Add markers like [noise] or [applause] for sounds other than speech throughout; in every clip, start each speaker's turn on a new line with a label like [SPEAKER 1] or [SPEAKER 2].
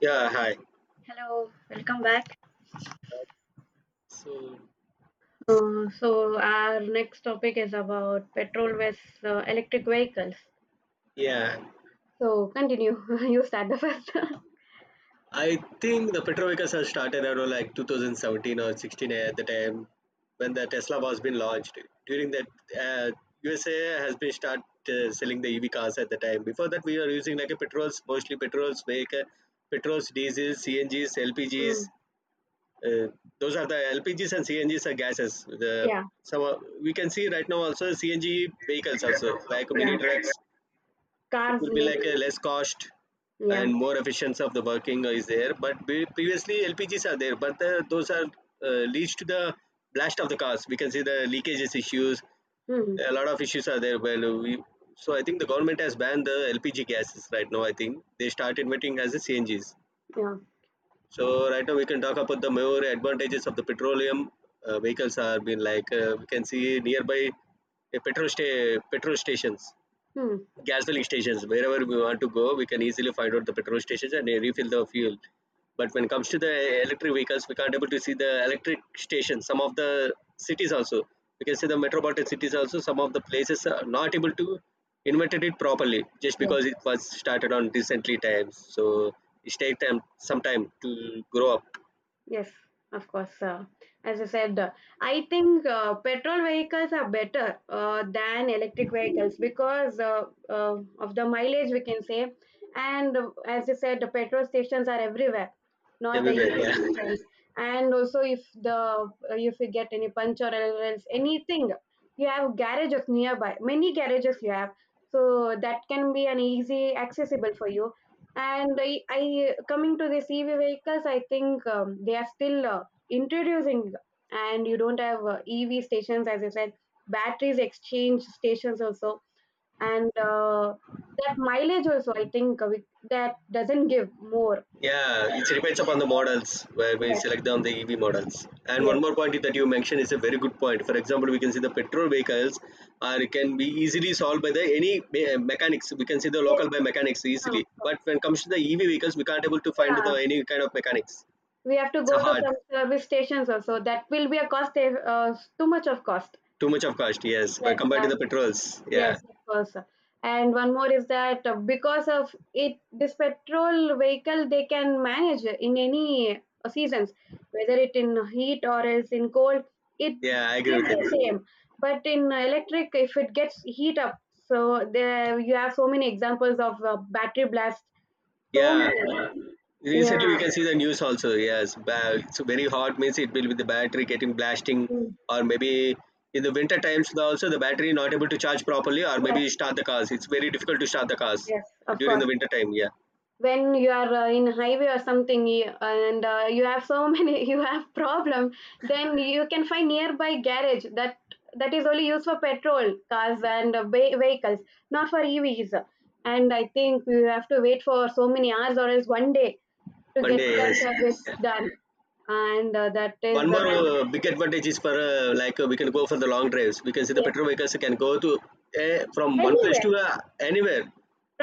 [SPEAKER 1] Yeah, hi.
[SPEAKER 2] Hello, welcome back.
[SPEAKER 1] So,
[SPEAKER 2] So our next topic is about petrol versus electric vehicles.
[SPEAKER 1] yeah, I think the petrochemicals have started around like 2017 or 16 at the time when the Tesla was being launched. During that, uh, USA has been start selling the EV cars at the time. Before that, we were using like a petrols, mostly petrols, vehicle, petrols, diesels, CNGs, LPGs. Uh, those are the LPGs and CNGs are gases.
[SPEAKER 2] Yeah,
[SPEAKER 1] We can see right now also CNG vehicles also like
[SPEAKER 2] yeah.
[SPEAKER 1] mini trucks. It
[SPEAKER 2] Cars
[SPEAKER 1] will be
[SPEAKER 2] mean
[SPEAKER 1] like a less cost
[SPEAKER 2] yeah.
[SPEAKER 1] and more efficiency of the working is there, but previously LPGs are there, but those are leads to the blast of the cars. We can see the leakages issues,
[SPEAKER 2] Hmm,
[SPEAKER 1] a lot of issues are there. Well, we so I think the government has banned the LPG gases right now. I think they start inventing as a CNGs.
[SPEAKER 2] yeah.
[SPEAKER 1] So right now we can talk about the more advantages of the petroleum vehicles are being like we can see nearby a petrol stations,
[SPEAKER 2] Hmm.
[SPEAKER 1] gas filling stations. Wherever we want to go, we can easily find out the petrol stations and refill the fuel. But when it comes to the electric vehicles, we can't able to see the electric stations. Some of the cities also, we can see the metropolitan cities also, some of the places are not able to invented it properly just
[SPEAKER 2] Yeah.
[SPEAKER 1] because it was started on recently times, so it take time, some time to grow up.
[SPEAKER 2] Yes, of course. As I said, I think petrol vehicles are better than electric vehicles because of the mileage we can say. And as I said, the petrol stations are everywhere, not the
[SPEAKER 1] Everywhere, yeah.
[SPEAKER 2] EV stations. And also, if you get any puncture or else anything, you have garages nearby. Many garages you have, so that can be an easy accessible for you. And I coming to this EV vehicles, I think they are still introducing, and you don't have EV stations, as I said, batteries exchange stations also, and that mileage also. I think that doesn't give more.
[SPEAKER 1] Yeah, it depends upon the models where we
[SPEAKER 2] Yes,
[SPEAKER 1] select down the EV models. And
[SPEAKER 2] yes,
[SPEAKER 1] one more point that you mentioned is a very good point. For example, we can see the petrol vehicles are can be easily solved by the any mechanics. We can see the
[SPEAKER 2] yes.
[SPEAKER 1] local by mechanics
[SPEAKER 2] uh,
[SPEAKER 1] easily. But when it comes to the EV vehicles, we can't able to find the
[SPEAKER 2] Yeah,
[SPEAKER 1] any kind of mechanics.
[SPEAKER 2] we have to
[SPEAKER 1] It's a
[SPEAKER 2] go to
[SPEAKER 1] hard,
[SPEAKER 2] some service stations also. That will be a cost. Too much of cost.
[SPEAKER 1] too much of cost. Yes, but
[SPEAKER 2] Yes,
[SPEAKER 1] compared to the petrols, yeah,
[SPEAKER 2] yes, of course. And one more is that because of it, this petrol vehicle they can manage in any seasons, whether it in heat or else in cold, it
[SPEAKER 1] yeah, I agree with it.
[SPEAKER 2] stays the same. But in electric, if it gets heat up, so there you have so many examples of battery blast. So
[SPEAKER 1] Yeah,
[SPEAKER 2] many. Yeah.
[SPEAKER 1] recently we can see the news also. Yes, it's very hot means it will be the battery getting blasting,
[SPEAKER 2] Mm.
[SPEAKER 1] or maybe in the winter times also the battery not able to charge properly, or maybe
[SPEAKER 2] Yes.
[SPEAKER 1] start the cars. It's very difficult to start the cars
[SPEAKER 2] Yes. Of
[SPEAKER 1] during
[SPEAKER 2] course.
[SPEAKER 1] the winter time. Yeah,
[SPEAKER 2] When you are in highway or something and you have so many [laughs] you have problem, then you can find nearby garage that is only used for petrol cars and vehicles, not for evs. And I think you have to wait for so many hours or else one day to
[SPEAKER 1] one
[SPEAKER 2] get
[SPEAKER 1] day
[SPEAKER 2] that
[SPEAKER 1] yes.
[SPEAKER 2] service
[SPEAKER 1] Yeah.
[SPEAKER 2] done. And that is
[SPEAKER 1] One more big advantage is for like we can go for the long drives. We can see the
[SPEAKER 2] yes.
[SPEAKER 1] petrol vehicles can go to from one place
[SPEAKER 2] Anywhere
[SPEAKER 1] to anywhere.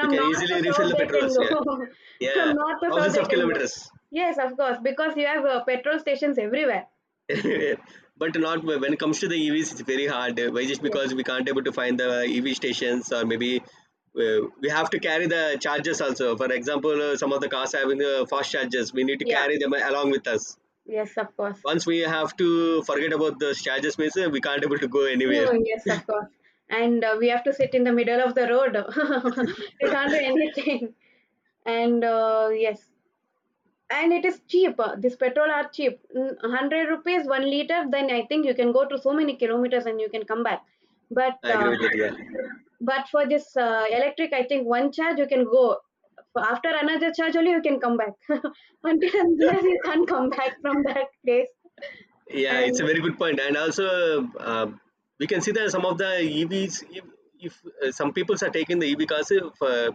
[SPEAKER 1] We can
[SPEAKER 2] north to
[SPEAKER 1] easily refill
[SPEAKER 2] south
[SPEAKER 1] the
[SPEAKER 2] they can
[SPEAKER 1] petrols.
[SPEAKER 2] go.
[SPEAKER 1] Yeah,
[SPEAKER 2] [laughs]
[SPEAKER 1] yeah,
[SPEAKER 2] From north to south
[SPEAKER 1] thousands
[SPEAKER 2] they
[SPEAKER 1] of
[SPEAKER 2] can go.
[SPEAKER 1] kilometers.
[SPEAKER 2] Yes, of course, because you have petrol stations everywhere.
[SPEAKER 1] [laughs] But not when it comes to the EVs, it's very hard. Why? Just
[SPEAKER 2] Yes.
[SPEAKER 1] because we can't able to find the EV stations, or maybe we have to carry the chargers also. For example, some of the cars having the fast chargers, we need to
[SPEAKER 2] Yeah.
[SPEAKER 1] carry them along with us.
[SPEAKER 2] Yes, of course.
[SPEAKER 1] Once we have to forget about the chargers, means we can't able to go anywhere.
[SPEAKER 2] Mm, yes, of course. And we have to sit in the middle of the road. [laughs] We can't do anything. And yes, and it is cheap. This petrol are cheap. Mm, 100 rupees, 1 liter. Then I think you can go to so many kilometers and you can come back. But
[SPEAKER 1] I agree
[SPEAKER 2] uh,
[SPEAKER 1] with that. Yeah.
[SPEAKER 2] but for this electric, I think one charge you can go. For After another charge only you can come back. [laughs] Until and unless you can't come back from that place.
[SPEAKER 1] Yeah, it's a
[SPEAKER 2] And
[SPEAKER 1] very good point, and also we can see that some of the EVs, if some people are taking the EV cars if, for,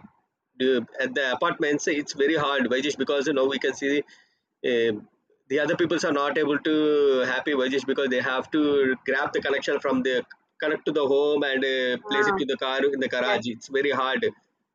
[SPEAKER 1] at the apartments, it's very hard. Why? Just because you know we can see the other peoples are not able to happy. Why? Just because they have to grab the connection from the connect to the home and place
[SPEAKER 2] uh,
[SPEAKER 1] it to the car in the
[SPEAKER 2] yes,
[SPEAKER 1] garage. It's very hard.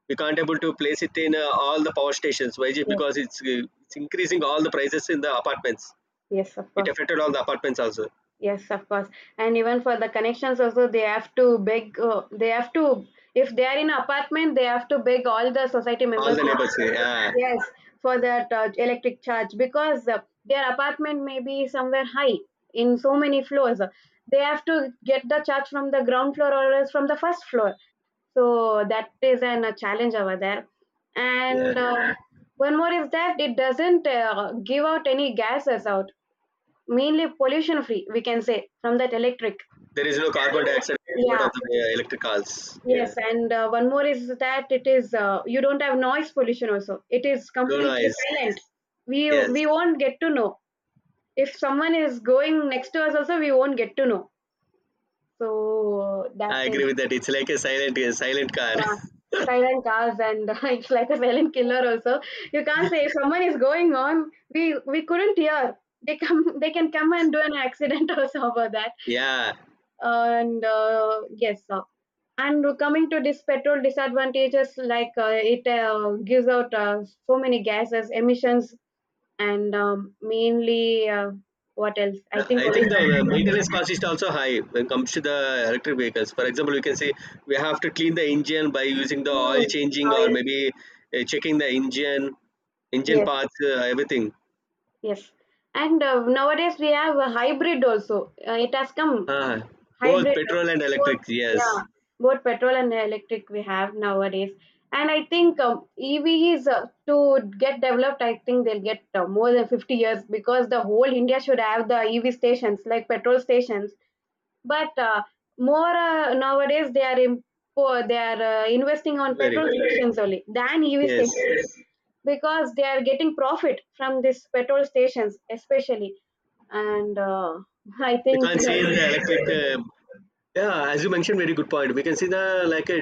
[SPEAKER 1] We can't able to place it in all the power stations. Why? Just
[SPEAKER 2] yes,
[SPEAKER 1] because it's increasing all the prices in the apartments.
[SPEAKER 2] yes, of
[SPEAKER 1] It
[SPEAKER 2] course.
[SPEAKER 1] affected all the apartments also,
[SPEAKER 2] Yes, of course. And even for the connections also, they have to beg, if they are in apartment, they have to beg all the society
[SPEAKER 1] all
[SPEAKER 2] members.
[SPEAKER 1] the neighbors here. Yeah,
[SPEAKER 2] [laughs] Yes, for that electric charge because their apartment may be somewhere high in so many floors. They have to get the charge from the ground floor or else from the first floor. So that is a challenge over there.
[SPEAKER 1] yeah.
[SPEAKER 2] And one more is that it doesn't give out any gases out, mainly pollution free we can say from that electric.
[SPEAKER 1] There is no carbon dioxide coming out
[SPEAKER 2] Yeah,
[SPEAKER 1] of the electric cars.
[SPEAKER 2] yes.
[SPEAKER 1] Yeah,
[SPEAKER 2] And one more is that it is you don't have noise pollution also, it is
[SPEAKER 1] no
[SPEAKER 2] completely
[SPEAKER 1] noise.
[SPEAKER 2] silent. we
[SPEAKER 1] Yes,
[SPEAKER 2] we won't get to know if someone is going next to us also, we won't get to know. So that
[SPEAKER 1] I
[SPEAKER 2] is.
[SPEAKER 1] agree with that. It's like a silent car.
[SPEAKER 2] Yeah,
[SPEAKER 1] [laughs]
[SPEAKER 2] silent cars and [laughs] it's like a silent killer also. You can't say if someone is going on, we couldn't hear. They can come and do an accident [laughs] also over that.
[SPEAKER 1] Yeah.
[SPEAKER 2] And yes. And coming to this petrol disadvantages, like it gives out so many gases, emissions, and mainly what else? I think
[SPEAKER 1] I
[SPEAKER 2] only
[SPEAKER 1] think the
[SPEAKER 2] that.
[SPEAKER 1] maintenance cost is also high when it comes to the electric vehicles. For example, we can say we have to clean the engine by using the oil
[SPEAKER 2] Mm,
[SPEAKER 1] changing, or
[SPEAKER 2] oil.
[SPEAKER 1] maybe checking the engine, engine
[SPEAKER 2] Yes,
[SPEAKER 1] parts, everything.
[SPEAKER 2] yes. And nowadays we have a hybrid also. It has come.
[SPEAKER 1] Ah, both
[SPEAKER 2] Hybrid,
[SPEAKER 1] petrol and
[SPEAKER 2] both.
[SPEAKER 1] electric.
[SPEAKER 2] Yeah,
[SPEAKER 1] Yes,
[SPEAKER 2] both petrol and electric we have nowadays. And I think EV is to get developed. I think they'll get more than 50 years, because the whole india should have the ev stations like petrol stations. But uh, more uh, nowadays they are investing on
[SPEAKER 1] very
[SPEAKER 2] petrol stations only than ev
[SPEAKER 1] yes.
[SPEAKER 2] stations, because they are getting profit from these petrol stations especially. And [laughs] I
[SPEAKER 1] We
[SPEAKER 2] think
[SPEAKER 1] can't see in the electric. Yeah, as you mentioned very good point, we can see the like a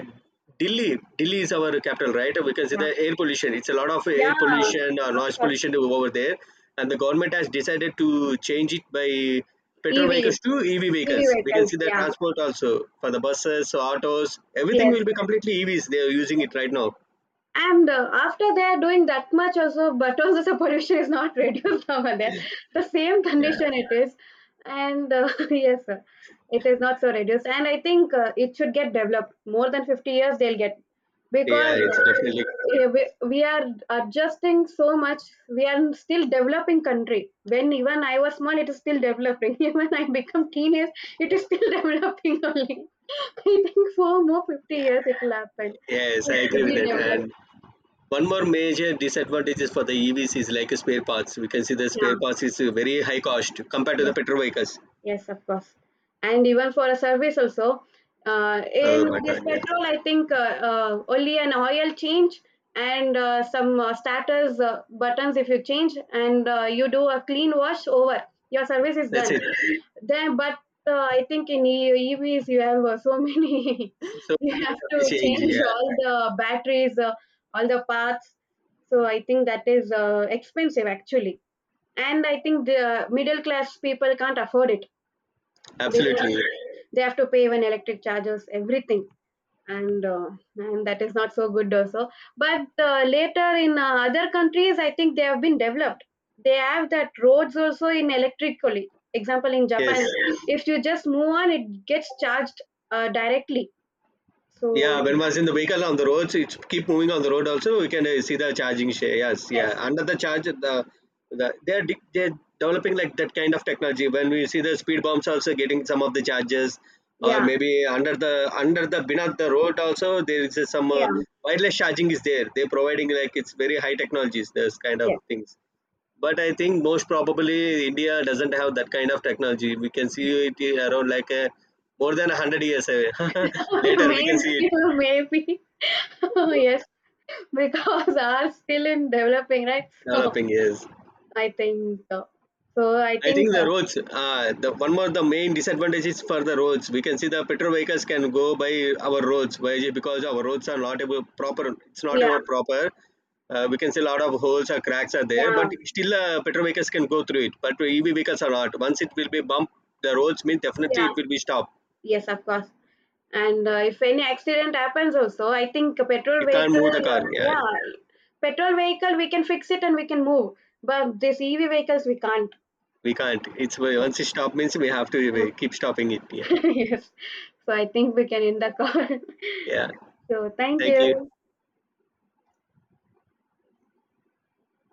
[SPEAKER 1] delhi delhi is our capital, right? We can see
[SPEAKER 2] yeah.
[SPEAKER 1] the air pollution, it's a lot of
[SPEAKER 2] Yeah,
[SPEAKER 1] air pollution or
[SPEAKER 2] of
[SPEAKER 1] noise
[SPEAKER 2] course.
[SPEAKER 1] pollution over there. And the government has decided to change it by petrol
[SPEAKER 2] EVs,
[SPEAKER 1] vehicles to EV
[SPEAKER 2] EV
[SPEAKER 1] vehicles. We can
[SPEAKER 2] vehicles.
[SPEAKER 1] see the
[SPEAKER 2] Yeah,
[SPEAKER 1] transport also, for the buses, autos, everything
[SPEAKER 2] yes.
[SPEAKER 1] will be completely EVs. They are using it right now.
[SPEAKER 2] And after they're doing that much also, but also the pollution is not [laughs] reduced over there. The same
[SPEAKER 1] Yeah,
[SPEAKER 2] condition it is. And [laughs] yes, sir, it is not so reduced. And I think it should get developed. More than 50 years they'll get. Because
[SPEAKER 1] yeah, it's definitely
[SPEAKER 2] we are adjusting so much. We are still developing country. When even I was small, it is still developing. [laughs] Even I become teenage, it is still [laughs] developing only. [laughs] I think for more 50 years it will happen.
[SPEAKER 1] yes, I
[SPEAKER 2] It will
[SPEAKER 1] agree with
[SPEAKER 2] be
[SPEAKER 1] that.
[SPEAKER 2] developed.
[SPEAKER 1] And one more major disadvantage is for the EVs is like spare parts. We can see the spare
[SPEAKER 2] Yeah,
[SPEAKER 1] parts is very high cost compared to
[SPEAKER 2] yes,
[SPEAKER 1] the petrol vehicles.
[SPEAKER 2] yes, of course. And even for a service also,
[SPEAKER 1] Oh
[SPEAKER 2] in
[SPEAKER 1] my
[SPEAKER 2] this
[SPEAKER 1] god, yeah.
[SPEAKER 2] petrol, I think only an oil change and some starters buttons if you change and you do a clean wash over, your service is
[SPEAKER 1] That's
[SPEAKER 2] done.
[SPEAKER 1] it.
[SPEAKER 2] Then, but I think in EVs you have so many, [laughs]
[SPEAKER 1] So many
[SPEAKER 2] you
[SPEAKER 1] things
[SPEAKER 2] have
[SPEAKER 1] have to
[SPEAKER 2] to
[SPEAKER 1] change,
[SPEAKER 2] change
[SPEAKER 1] yeah.
[SPEAKER 2] all the batteries, all the parts. So I think that is expensive actually. And I think the middle class people can't afford it. They
[SPEAKER 1] Absolutely.
[SPEAKER 2] they have to pay even electric charges, everything, and uh, and that is not so good also. But later in other countries, I think they have been developed. They have that roads also in electrically. Example in
[SPEAKER 1] Yes.
[SPEAKER 2] Japan, if you just move on, it gets charged directly. So
[SPEAKER 1] Yeah, when was in the vehicle on the roads, it keep moving on the road also. We can see the charging share. Yes,
[SPEAKER 2] yes,
[SPEAKER 1] yeah. Under the charge, the they're developing like that kind of technology. When we see the speed bumps also getting some of the charges, or
[SPEAKER 2] yeah,
[SPEAKER 1] maybe under the beneath the road also there is some
[SPEAKER 2] yeah,
[SPEAKER 1] wireless charging is there. They're providing like it's very high technologies. Those kind of
[SPEAKER 2] yes.
[SPEAKER 1] things. But I think most probably India doesn't have that kind of technology. We can see it around like a, more than 100 years away. [laughs]
[SPEAKER 2] [laughs]
[SPEAKER 1] Later we can see it.
[SPEAKER 2] Maybe, maybe, [laughs] yes, because ours still in developing, right? So
[SPEAKER 1] Developing, yes.
[SPEAKER 2] I think so. So I
[SPEAKER 1] I
[SPEAKER 2] think,
[SPEAKER 1] think the roads, the one more the main disadvantage is for the roads. We can see the petrol vehicles can go by our roads by, because our roads are not able proper. It's not
[SPEAKER 2] yeah,
[SPEAKER 1] ever proper. We can see a lot of holes or cracks are there,
[SPEAKER 2] yeah,
[SPEAKER 1] but still petrol vehicles can go through it. But EV vehicles are not. Once it will be bump, the roads mean definitely
[SPEAKER 2] yeah,
[SPEAKER 1] it will be stopped.
[SPEAKER 2] yes, of course. And if any accident happens also, I think a petrol
[SPEAKER 1] You can't
[SPEAKER 2] vehicle,
[SPEAKER 1] move the car. Yeah,
[SPEAKER 2] yeah, petrol vehicle, we can fix it and we can move. But this EV vehicles, we can't.
[SPEAKER 1] we can't. It's once it stop means we have to keep stopping it. Yeah,
[SPEAKER 2] Yeah. [laughs] Yes. So I think we can end the call. [laughs]
[SPEAKER 1] yeah.
[SPEAKER 2] So thank
[SPEAKER 1] Thank you.
[SPEAKER 2] you.